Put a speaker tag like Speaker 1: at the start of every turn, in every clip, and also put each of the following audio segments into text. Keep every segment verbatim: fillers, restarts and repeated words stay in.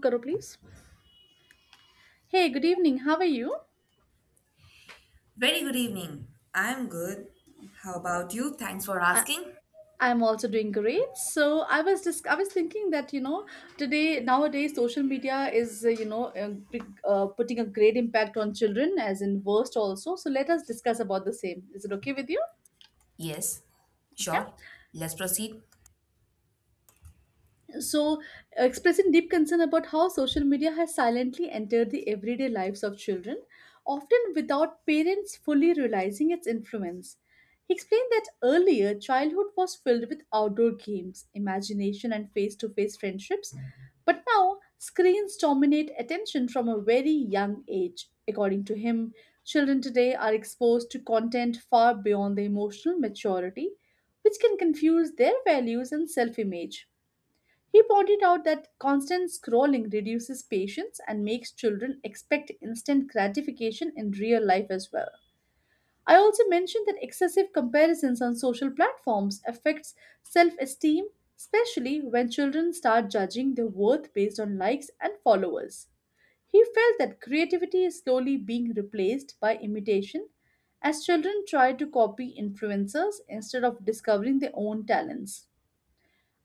Speaker 1: Karo, please. Hey, good evening. How are you?
Speaker 2: Very good evening. I'm good. How about you? Thanks for
Speaker 1: I,
Speaker 2: asking.
Speaker 1: I'm also doing great. So I was just I was thinking that you know today nowadays social media is uh, you know uh, big, uh, putting a great impact on children as in worst also. So let us discuss about the same. Is it okay with you?
Speaker 2: Yes,
Speaker 1: Okay.
Speaker 2: sure. Let's proceed.
Speaker 1: So, expressing deep concern about how social media has silently entered the everyday lives of children, often without parents fully realizing its influence. He explained that earlier, childhood was filled with outdoor games, imagination, and face to face friendships, but now screens dominate attention from a very young age. According to him, children today are exposed to content far beyond their emotional maturity, which can confuse their values and self image. He pointed out that constant scrolling reduces patience and makes children expect instant gratification in real life as well. I also mentioned that excessive comparisons on social platforms affects self-esteem, especially when children start judging their worth based on likes and followers. He felt that creativity is slowly being replaced by imitation as children try to copy influencers instead of discovering their own talents.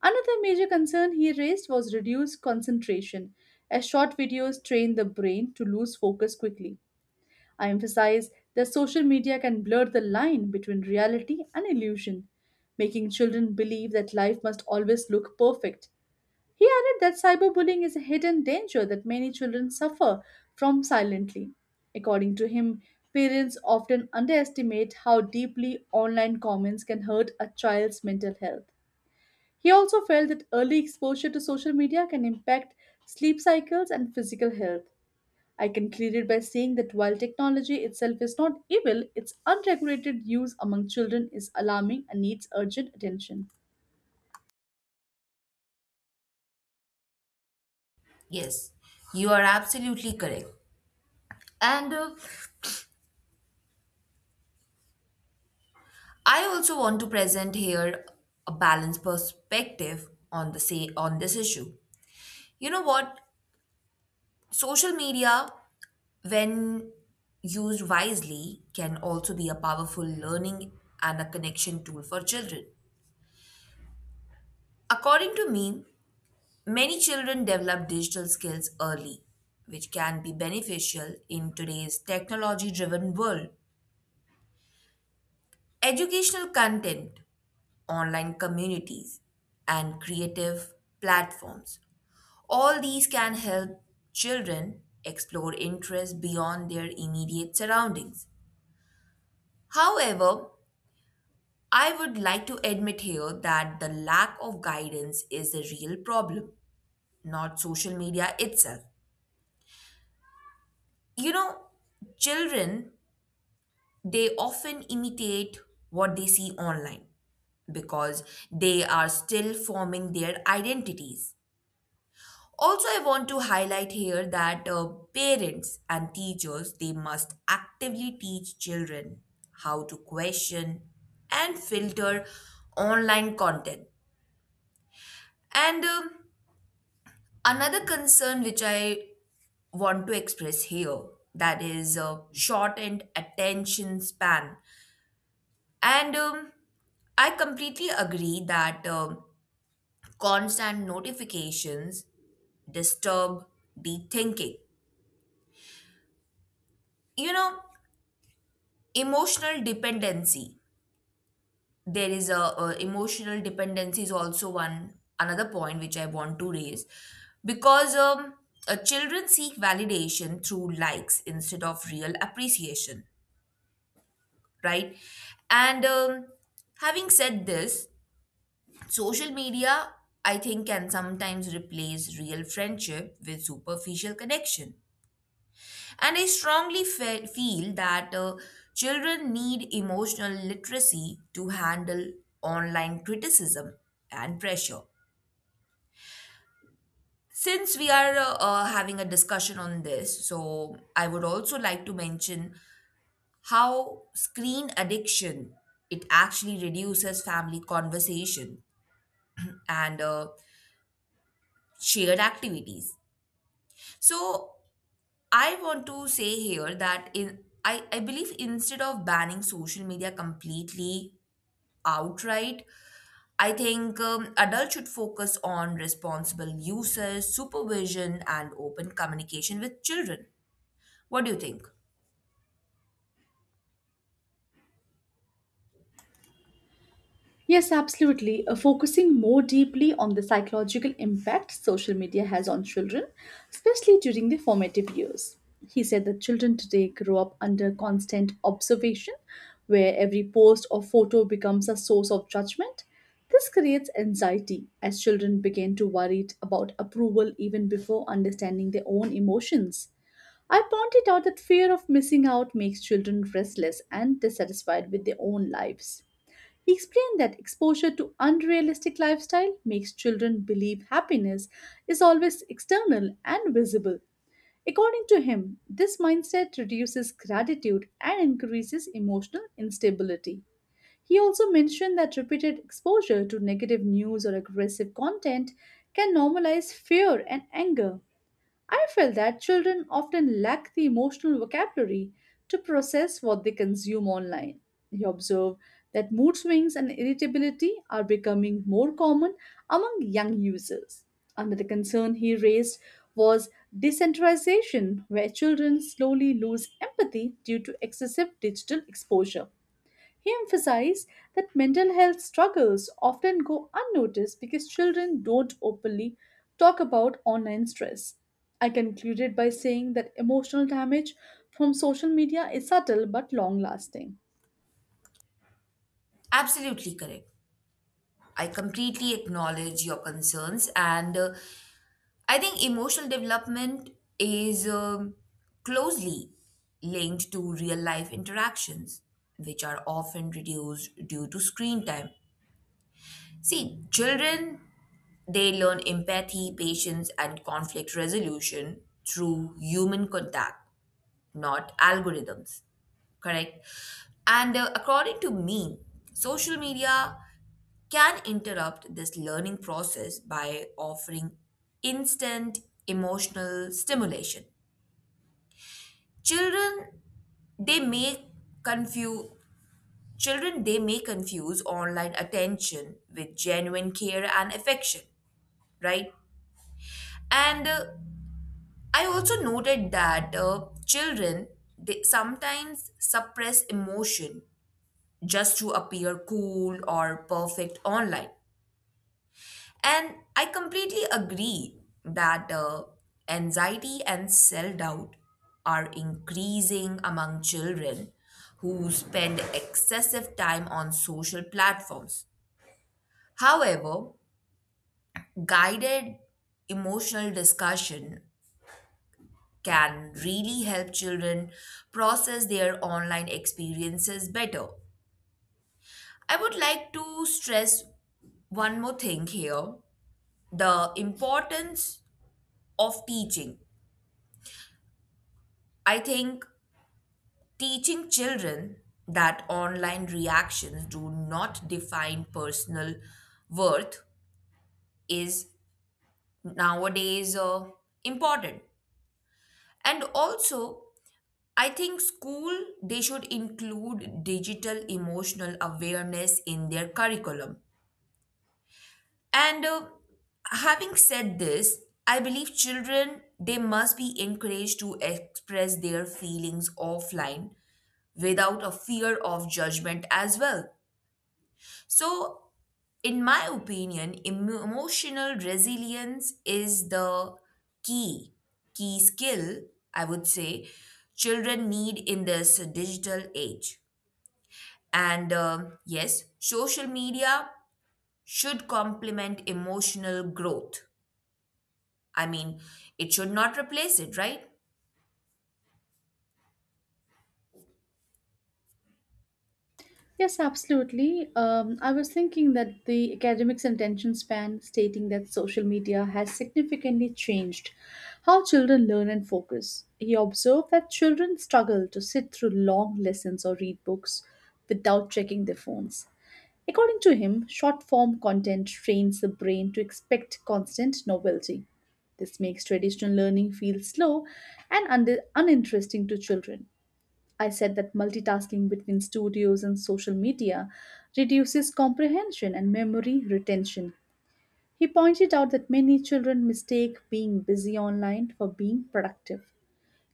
Speaker 1: Another major concern he raised was reduced concentration, as short videos train the brain to lose focus quickly. I emphasize that social media can blur the line between reality and illusion, making children believe that life must always look perfect. He added that cyberbullying is a hidden danger that many children suffer from silently. According to him, parents often underestimate how deeply online comments can hurt a child's mental health. He also felt that early exposure to social media can impact sleep cycles and physical health. I concluded by saying that while technology itself is not evil, its unregulated use among children is alarming and needs urgent attention.
Speaker 2: Yes, you are absolutely correct. And uh, I also want to present here a balanced perspective on the say on this issue. You know what? Social media, when used wisely, can also be a powerful learning and a connection tool for children. According to me, many children develop digital skills early, which can be beneficial in today's technology driven world. Educational content, online communities, and creative platforms. All these can help children explore interests beyond their immediate surroundings. However, I would like to admit here that the lack of guidance is the real problem, not social media itself. You know, children They often imitate what they see online because they are still forming their identities. Also, I want to highlight here that uh, parents and teachers they must actively teach children how to question and filter online content. And um, another concern which I want to express here, that is uh, shortened attention span. And um, I completely agree that um, constant notifications disturb the thinking. You know, emotional dependency. There is a, a emotional dependency is also one another point which I want to raise because um, uh, children seek validation through likes instead of real appreciation, right? And um, having said this, social media, I think, can sometimes replace real friendship with superficial connection. And I strongly fe- feel that uh, children need emotional literacy to handle online criticism and pressure. Since we are uh, uh, having a discussion on this, so I would also like to mention how screen addiction it actually reduces family conversation and uh, shared activities. So I want to say here that in I, I believe instead of banning social media completely outright, I think um, adults should focus on responsible uses, supervision, and open communication with children. What do you think?
Speaker 1: Yes, absolutely. Uh, focusing more deeply on the psychological impact social media has on children, especially during the formative years. He said that children today grow up under constant observation, where every post or photo becomes a source of judgment. This creates anxiety as children begin to worry about approval even before understanding their own emotions. I pointed out that fear of missing out makes children restless and dissatisfied with their own lives. He explained that exposure to unrealistic lifestyle makes children believe happiness is always external and visible. According to him, this mindset reduces gratitude and increases emotional instability. He also mentioned that repeated exposure to negative news or aggressive content can normalize fear and anger. I felt that children often lack the emotional vocabulary to process what they consume online. You observe that mood swings and irritability are becoming more common among young users. Another concern he raised was desensitization, where children slowly lose empathy due to excessive digital exposure. He emphasized that mental health struggles often go unnoticed because children don't openly talk about online stress. I concluded by saying that emotional damage from social media is subtle but long lasting.
Speaker 2: Absolutely correct. I completely acknowledge your concerns, and uh, I think emotional development is um, closely linked to real life interactions, which are often reduced due to screen time. See, children, they learn empathy, patience, and conflict resolution through human contact, not algorithms, correct? And uh, according to me, social media can interrupt this learning process by offering instant emotional stimulation. Children they may confuse Children they may confuse online attention with genuine care and affection, right? And uh, I also noted that uh, children they sometimes suppress emotion just to appear cool or perfect online. And I completely agree that uh, anxiety and self doubt are increasing among children who spend excessive time on social platforms. However, guided emotional discussion can really help children process their online experiences better. I would like to stress one more thing here, the importance of teaching. I think teaching children that online reactions do not define personal worth is nowadays uh, important. And also, I think school they should include digital emotional awareness in their curriculum. And uh, having said this, I believe children they must be encouraged to express their feelings offline without a fear of judgment as well. So, in my opinion, emo- emotional resilience is the key, key skill, I would say, children need in this digital age. And um, yes, social media should complement emotional growth. I mean, it should not replace it, right?
Speaker 1: Yes, absolutely. Um, I was thinking that the academics' attention span, stating that social media has significantly changed how children learn and focus. He observed that children struggle to sit through long lessons or read books without checking their phones. According to him, short form content trains the brain to expect constant novelty. This makes traditional learning feel slow and under- uninteresting to children. I said that multitasking between studios and social media reduces comprehension and memory retention. He pointed out that many children mistake being busy online for being productive.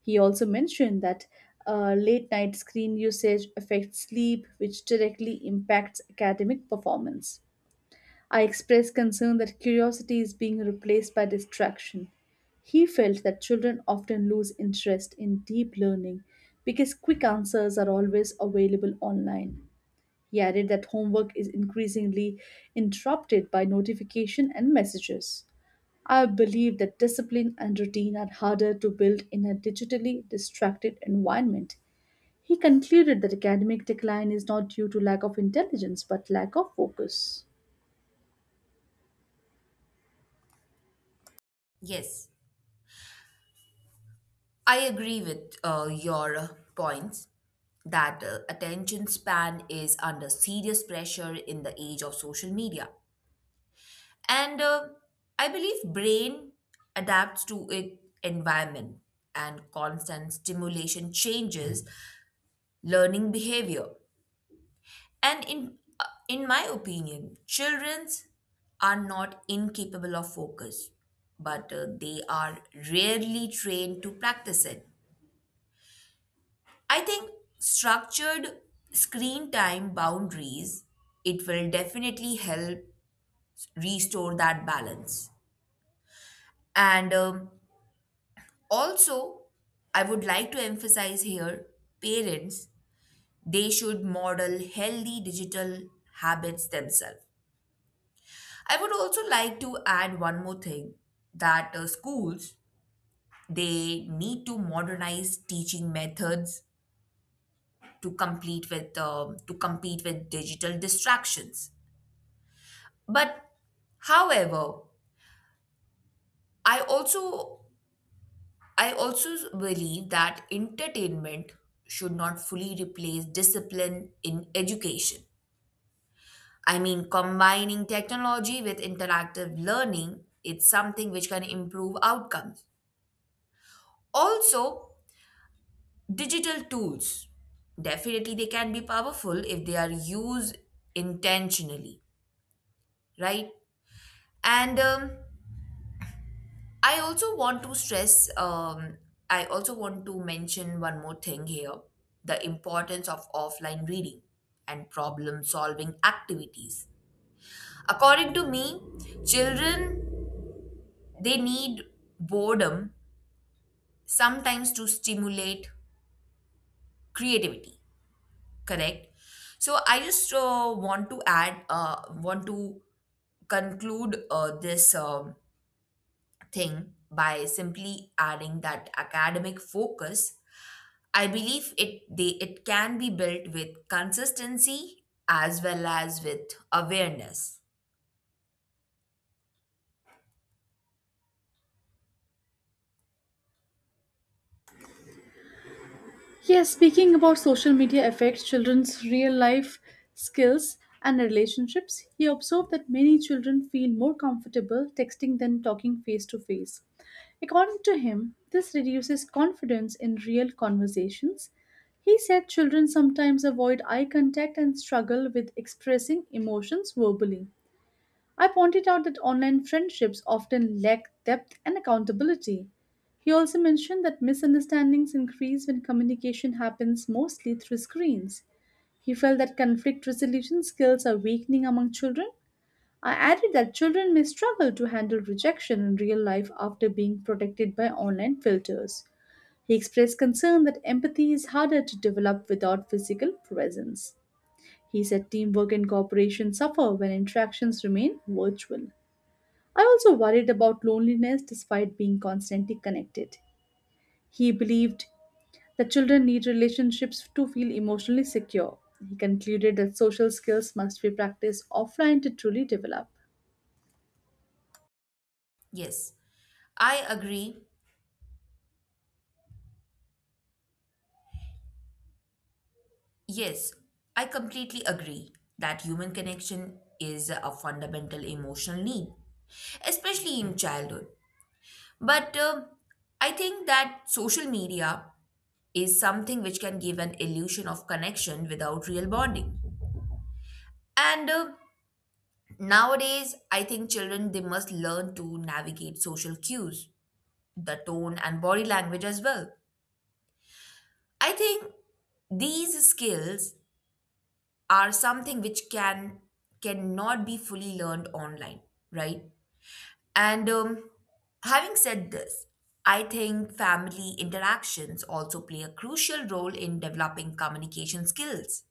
Speaker 1: He also mentioned that uh, late night screen usage affects sleep, which directly impacts academic performance. I expressed concern that curiosity is being replaced by distraction. He felt that children often lose interest in deep learning because quick answers are always available online. He added that homework is increasingly interrupted by notification and messages. I believe that discipline and routine are harder to build in a digitally distracted environment. He concluded that academic decline is not due to lack of intelligence but lack of focus.
Speaker 2: Yes, I agree with uh, your uh, points that uh, attention span is under serious pressure in the age of social media. And uh, I believe brain adapts to its environment and constant stimulation changes learning behavior. And in uh, in my opinion, childrens are not incapable of focus, but uh, they are rarely trained to practice it. I think structured screen time boundaries it will definitely help restore that balance. And um, Also, I would like to emphasize here parents, they should model healthy digital habits themselves. I would also like to add one more thing that uh, schools they need to modernize teaching methods to complete with um, to compete with digital distractions. But however, I also I also believe that entertainment should not fully replace discipline in education. I mean, combining technology with interactive learning, it's something which can improve outcomes. Also, digital tools. Definitely, they can be powerful if they are used intentionally, right? And um, I also want to stress, um, I also want to mention one more thing here, the importance of offline reading and problem solving activities. According to me, children they need boredom sometimes to stimulate creativity, correct? So I just uh, want to add uh, want to conclude uh, this um thing by simply adding that academic focus, I believe it they it can be built with consistency as well as with awareness.
Speaker 1: Yes, speaking about social media affects children's real life skills and relationships, he observed that many children feel more comfortable texting than talking face to face. According to him, this reduces confidence in real conversations. He said children sometimes avoid eye contact and struggle with expressing emotions verbally. I pointed out that online friendships often lack depth and accountability. He also mentioned that misunderstandings increase when communication happens mostly through screens. He felt that conflict resolution skills are weakening among children. I added that children may struggle to handle rejection in real life after being protected by online filters. He expressed concern that empathy is harder to develop without physical presence. He said teamwork and cooperation suffer when interactions remain virtual. I also worried about loneliness despite being constantly connected. He believed that children need relationships to feel emotionally secure. He concluded that social skills must be practiced offline to truly develop.
Speaker 2: Yes, I agree. Yes, I completely agree that human connection is a fundamental emotional need, especially in childhood. But uh, I think that social media is something which can give an illusion of connection without real bonding. And uh, Nowadays, I think children they must learn to navigate social cues, the tone and body language as well. I think these skills are something which can cannot be fully learned online, right? And um, having said this, I think family interactions also play a crucial role in developing communication skills.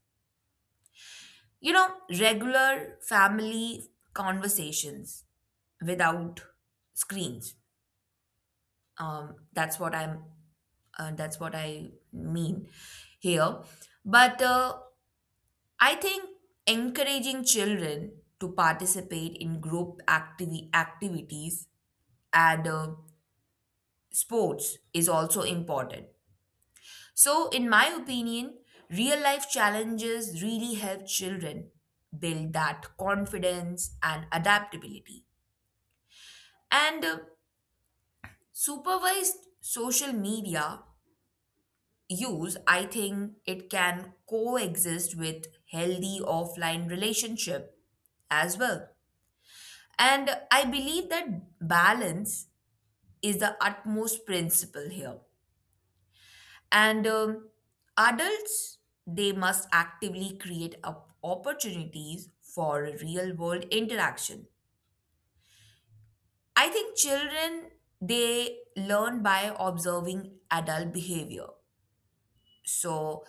Speaker 2: You know, regular family conversations without screens, um, that's what i'm uh, that's what I mean here. But uh, I think encouraging children to participate in group activi- activities and uh, sports is also important. So in my opinion, real life challenges really help children build that confidence and adaptability, and uh, supervised social media use, I think it can coexist with healthy offline relationship as well. And I believe that balance is the utmost principle here. And um, adults, they must actively create op- opportunities for real world interaction. I think children, they learn by observing adult behavior. So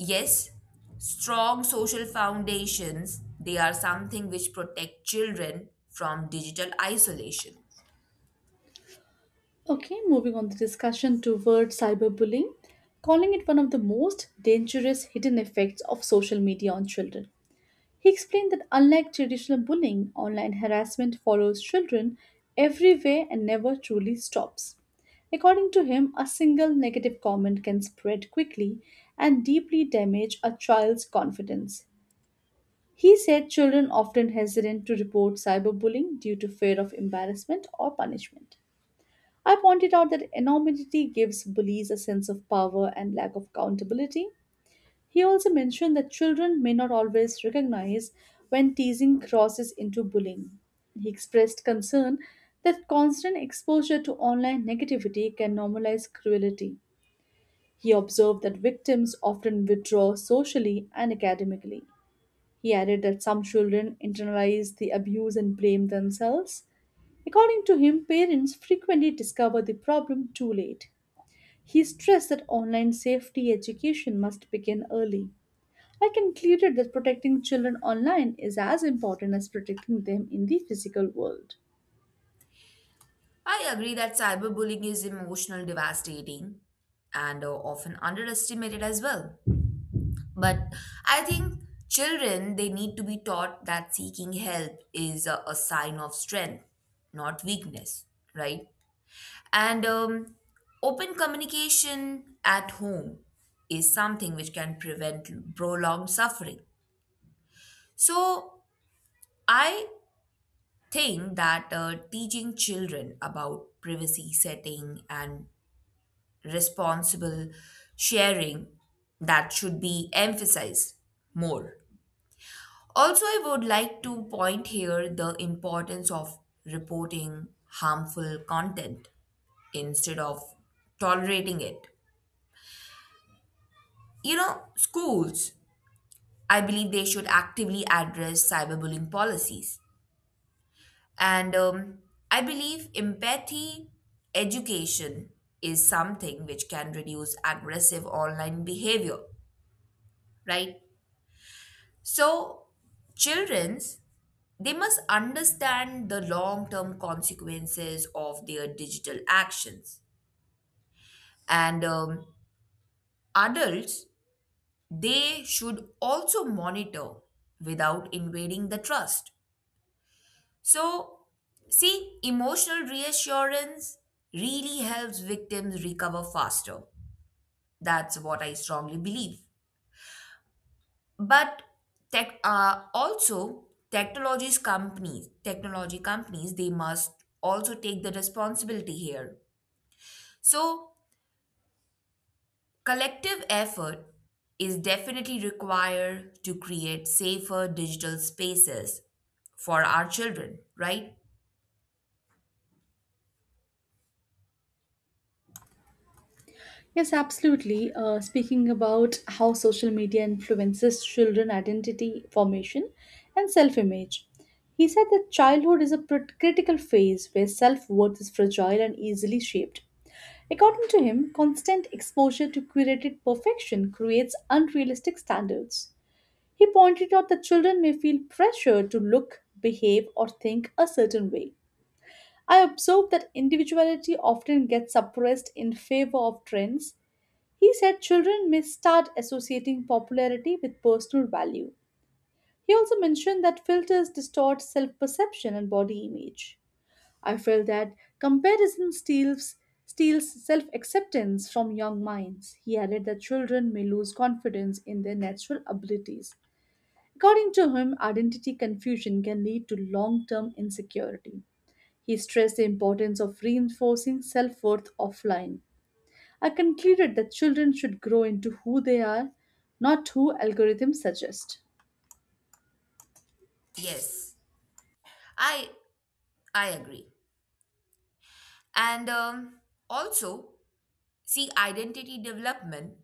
Speaker 2: yes, strong social foundations, they are something which protect children from digital isolation.
Speaker 1: Okay, moving on the discussion toward cyberbullying, calling it one of the most dangerous hidden effects of social media on children. He explained that unlike traditional bullying, online harassment follows children everywhere and never truly stops. According to him, a single negative comment can spread quickly and deeply damage a child's confidence. He said children often hesitant to report cyberbullying due to fear of embarrassment or punishment. I pointed out that anonymity gives bullies a sense of power and lack of accountability, he also mentioned that children may not always recognize when teasing crosses into bullying. He expressed concern that constant exposure to online negativity can normalize cruelty. He observed that victims often withdraw socially and academically. He added that some children internalize the abuse and blame themselves. According to him, parents frequently discover the problem too late. He stressed that online safety education must begin early. I concluded that protecting children online is as important as protecting them in the physical world.
Speaker 2: I agree that cyberbullying is emotional devastating and uh, often underestimated as well. But I think children they need to be taught that seeking help is a, a sign of strength, not weakness, right? And um, open communication at home is something which can prevent prolonged suffering. So I think that uh, teaching children about privacy setting and responsible sharing, that should be emphasized more. Also, I would like to point here the importance of reporting harmful content instead of tolerating it. You know, schools, I believe they should actively address cyberbullying policies. And um, I believe empathy education is something which can reduce aggressive online behavior, right? So, children's they must understand the long-term consequences of their digital actions, and um, adults they should also monitor without invading the trust. So, see, emotional reassurance really helps victims recover faster. That's what I strongly believe. But tech, uh, also technologies companies, technology companies, they must also take the responsibility here. So, collective effort is definitely required to create safer digital spaces for our children, right?
Speaker 1: Yes, absolutely. Uh, speaking about how social media influences children identity formation and self image, he said that childhood is a pr- critical phase where self worth is fragile and easily shaped. According to him, constant exposure to curated perfection creates unrealistic standards. He pointed out that children may feel pressure to look, behave, or think a certain way. I observed that individuality often gets suppressed in favor of trends. He said children may start associating popularity with personal value. He also mentioned that filters distort self perception and body image. I felt that comparison steals, steals self acceptance from young minds. He added that children may lose confidence in their natural abilities. According to him, identity confusion can lead to long term insecurity. He stressed the importance of reinforcing self worth offline. I concluded that children should grow into who they are, not who algorithms suggest.
Speaker 2: Yes, I I agree. And um, also, see identity development.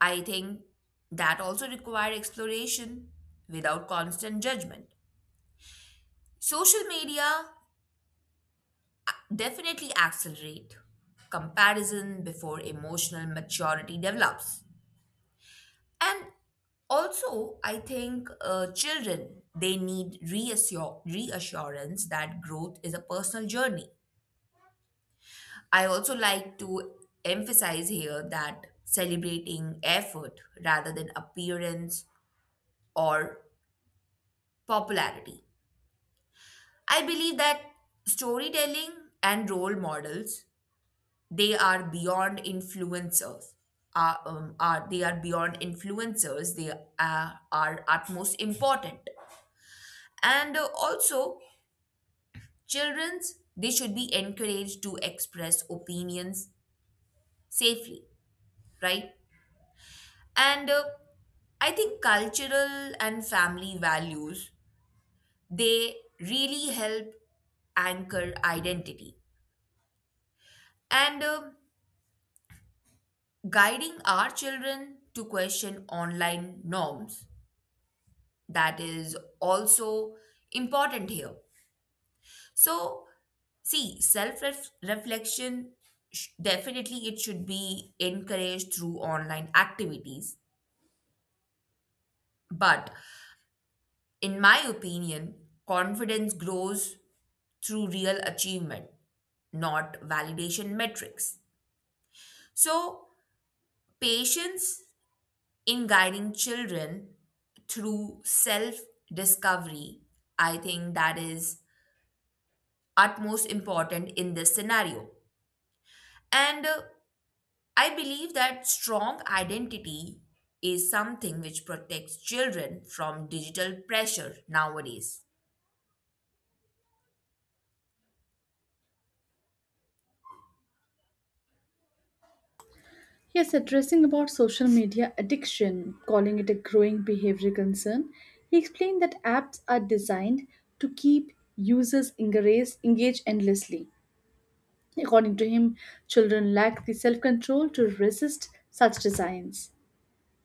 Speaker 2: I think that also require exploration without constant judgment. Social media definitely accelerate comparison before emotional maturity develops. And also, I think uh, children they need reassure reassurance that growth is a personal journey. I also like to emphasize here that celebrating effort rather than appearance or popularity. I believe that storytelling and role models they are beyond influencers. Are, um, are they are beyond influencers they are are utmost important, and uh, also children's they should be encouraged to express opinions safely, right? And uh, I think cultural and family values they really help anchor identity, and uh, guiding our children to question online norms. That is also important here. So, see, self reflection sh- definitely it should be encouraged through online activities, but in my opinion, confidence grows through real achievement, not validation metrics. So, patience in guiding children through self discovery, I think that is utmost important in this scenario. And uh, I believe that strong identity is something which protects children from digital pressure nowadays.
Speaker 1: Yes, addressing about social media addiction, calling it a growing behavioral concern, he explained that apps are designed to keep users engaged, engaged endlessly. According to him, children lack the self control to resist such designs.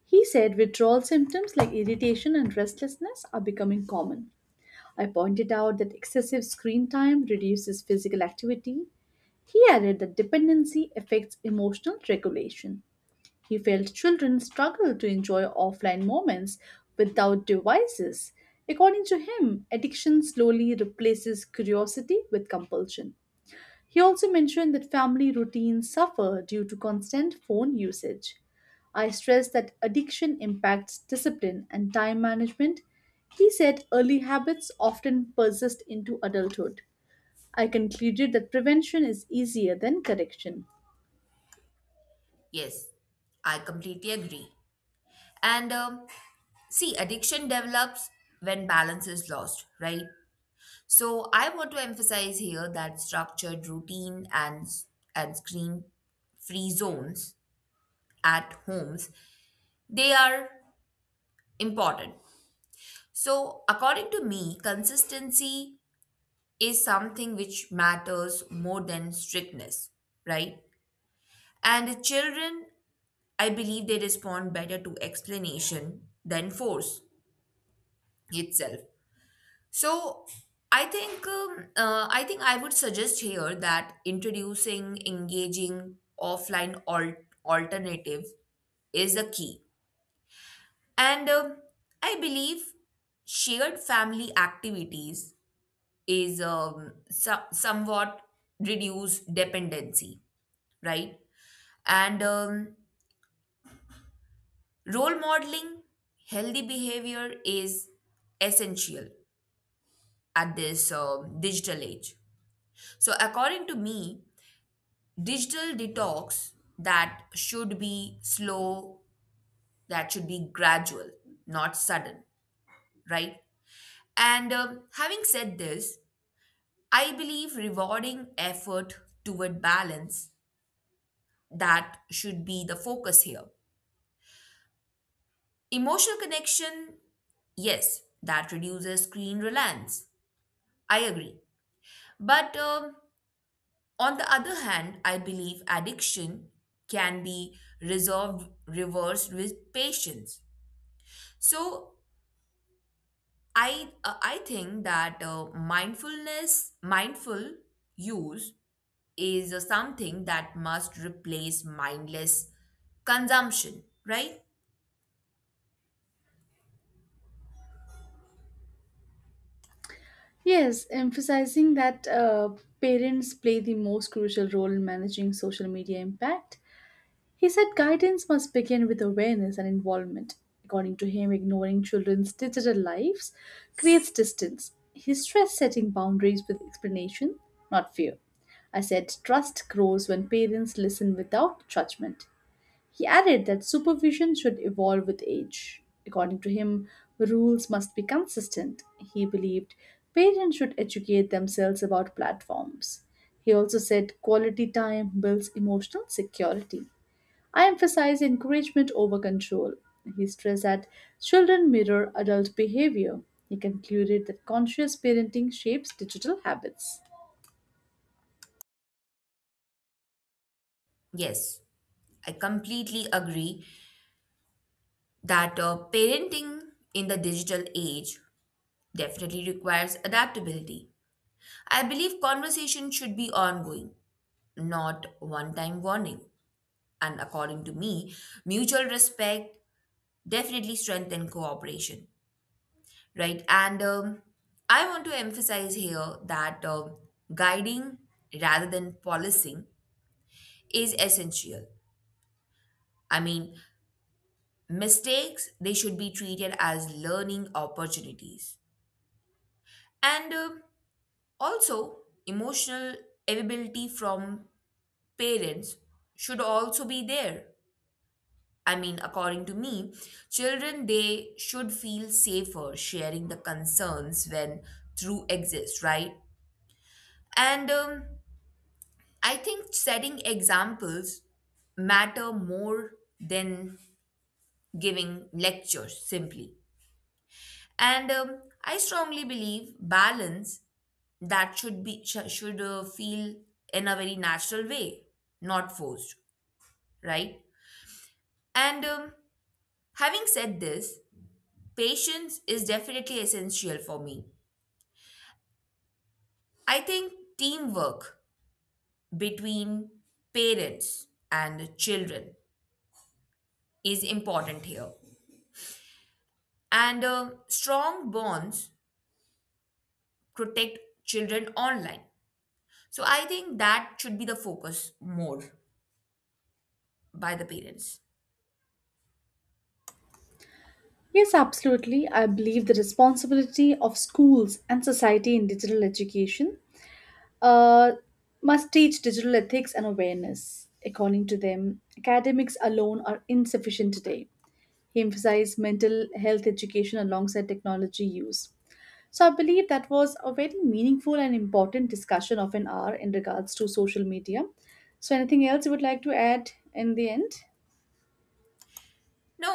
Speaker 1: He said withdrawal symptoms like irritation and restlessness are becoming common. I pointed out that excessive screen time reduces physical activity. He added that dependency affects emotional regulation. He felt children struggle to enjoy offline moments without devices. According to him, addiction slowly replaces curiosity with compulsion. He also mentioned that family routines suffer due to constant phone usage. I stressed that addiction impacts discipline and time management. He said early habits often persist into adulthood. I concluded that prevention is easier than correction.
Speaker 2: Yes, I completely agree. And um, see, addiction develops when balance is lost, right? So I want to emphasize here that structured routine and and screen free zones at homes they are important. So according to me, consistency is something which matters more than strictness, right? And children I believe they respond better to explanation than force itself. So I think um, uh, I think I would suggest here that introducing engaging offline al- alternative is the key, and um, I believe shared family activities is um, so- somewhat reduce dependency, right? And um, role modeling healthy behavior is essential at this um, digital age. So according to me, digital detox that should be slow, that should be gradual, not sudden, right? And um, having said this, I believe rewarding effort toward balance, that should be the focus here. Emotional connection, yes, that reduces screen reliance. I agree. But um, on the other hand, I believe addiction can be resolved, reversed with patience. So I uh, I think that uh, mindfulness, mindful use is uh, something that must replace mindless consumption, right?
Speaker 1: Yes, emphasizing that uh, parents play the most crucial role in managing social media impact. He said guidance must begin with awareness and involvement. According to him, ignoring children's digital lives creates distance. He stressed setting boundaries with explanation, not fear. I said trust grows when parents listen without judgment. He added that supervision should evolve with age. According to him, rules must be consistent. He believed parents should educate themselves about platforms. He also said quality time builds emotional security. I emphasize encouragement over control. He stressed that children mirror adult behavior. He concluded that conscious parenting shapes digital habits.
Speaker 2: Yes, I completely agree that uh, parenting in the digital age definitely requires adaptability. I believe conversation should be ongoing, not one-time warning. And according to me, mutual respect definitely strengthen cooperation, right? And um, I want to emphasize here that um, guiding rather than policing is essential. I mean, mistakes they should be treated as learning opportunities, and um, also emotional availability from parents should also be there. I mean, according to me, children they should feel safer sharing the concerns when through exists, right? And um, I think setting examples matter more than giving lectures simply. And um, I strongly believe balance that should be sh- should uh, feel in a very natural way, not forced, right? And um, having said this, patience is definitely essential for me. I think teamwork between parents and children is important here, and uh, strong bonds protect children online, so I think that should be the focus more by the parents.
Speaker 1: Yes, absolutely. I believe the responsibility of schools and society in digital education uh, must teach digital ethics and awareness. According to them, academics alone are insufficient today. He emphasized mental health education alongside technology use. So I believe that was a very meaningful and important discussion of an hour in regards to social media. So anything else you would like to add in the end?
Speaker 2: No,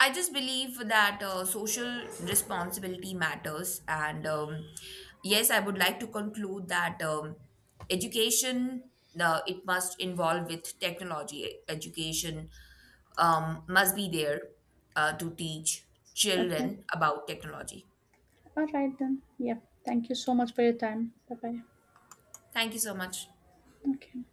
Speaker 2: I just believe that uh, social responsibility matters, and um, yes I would like to conclude that um, education, uh, it must involve with technology education, um, must be there uh, to teach
Speaker 1: Okay.
Speaker 2: children about technology.
Speaker 1: All right then. Yeah. Thank you so much for your time. Bye bye.
Speaker 2: Thank you so much.
Speaker 1: Okay.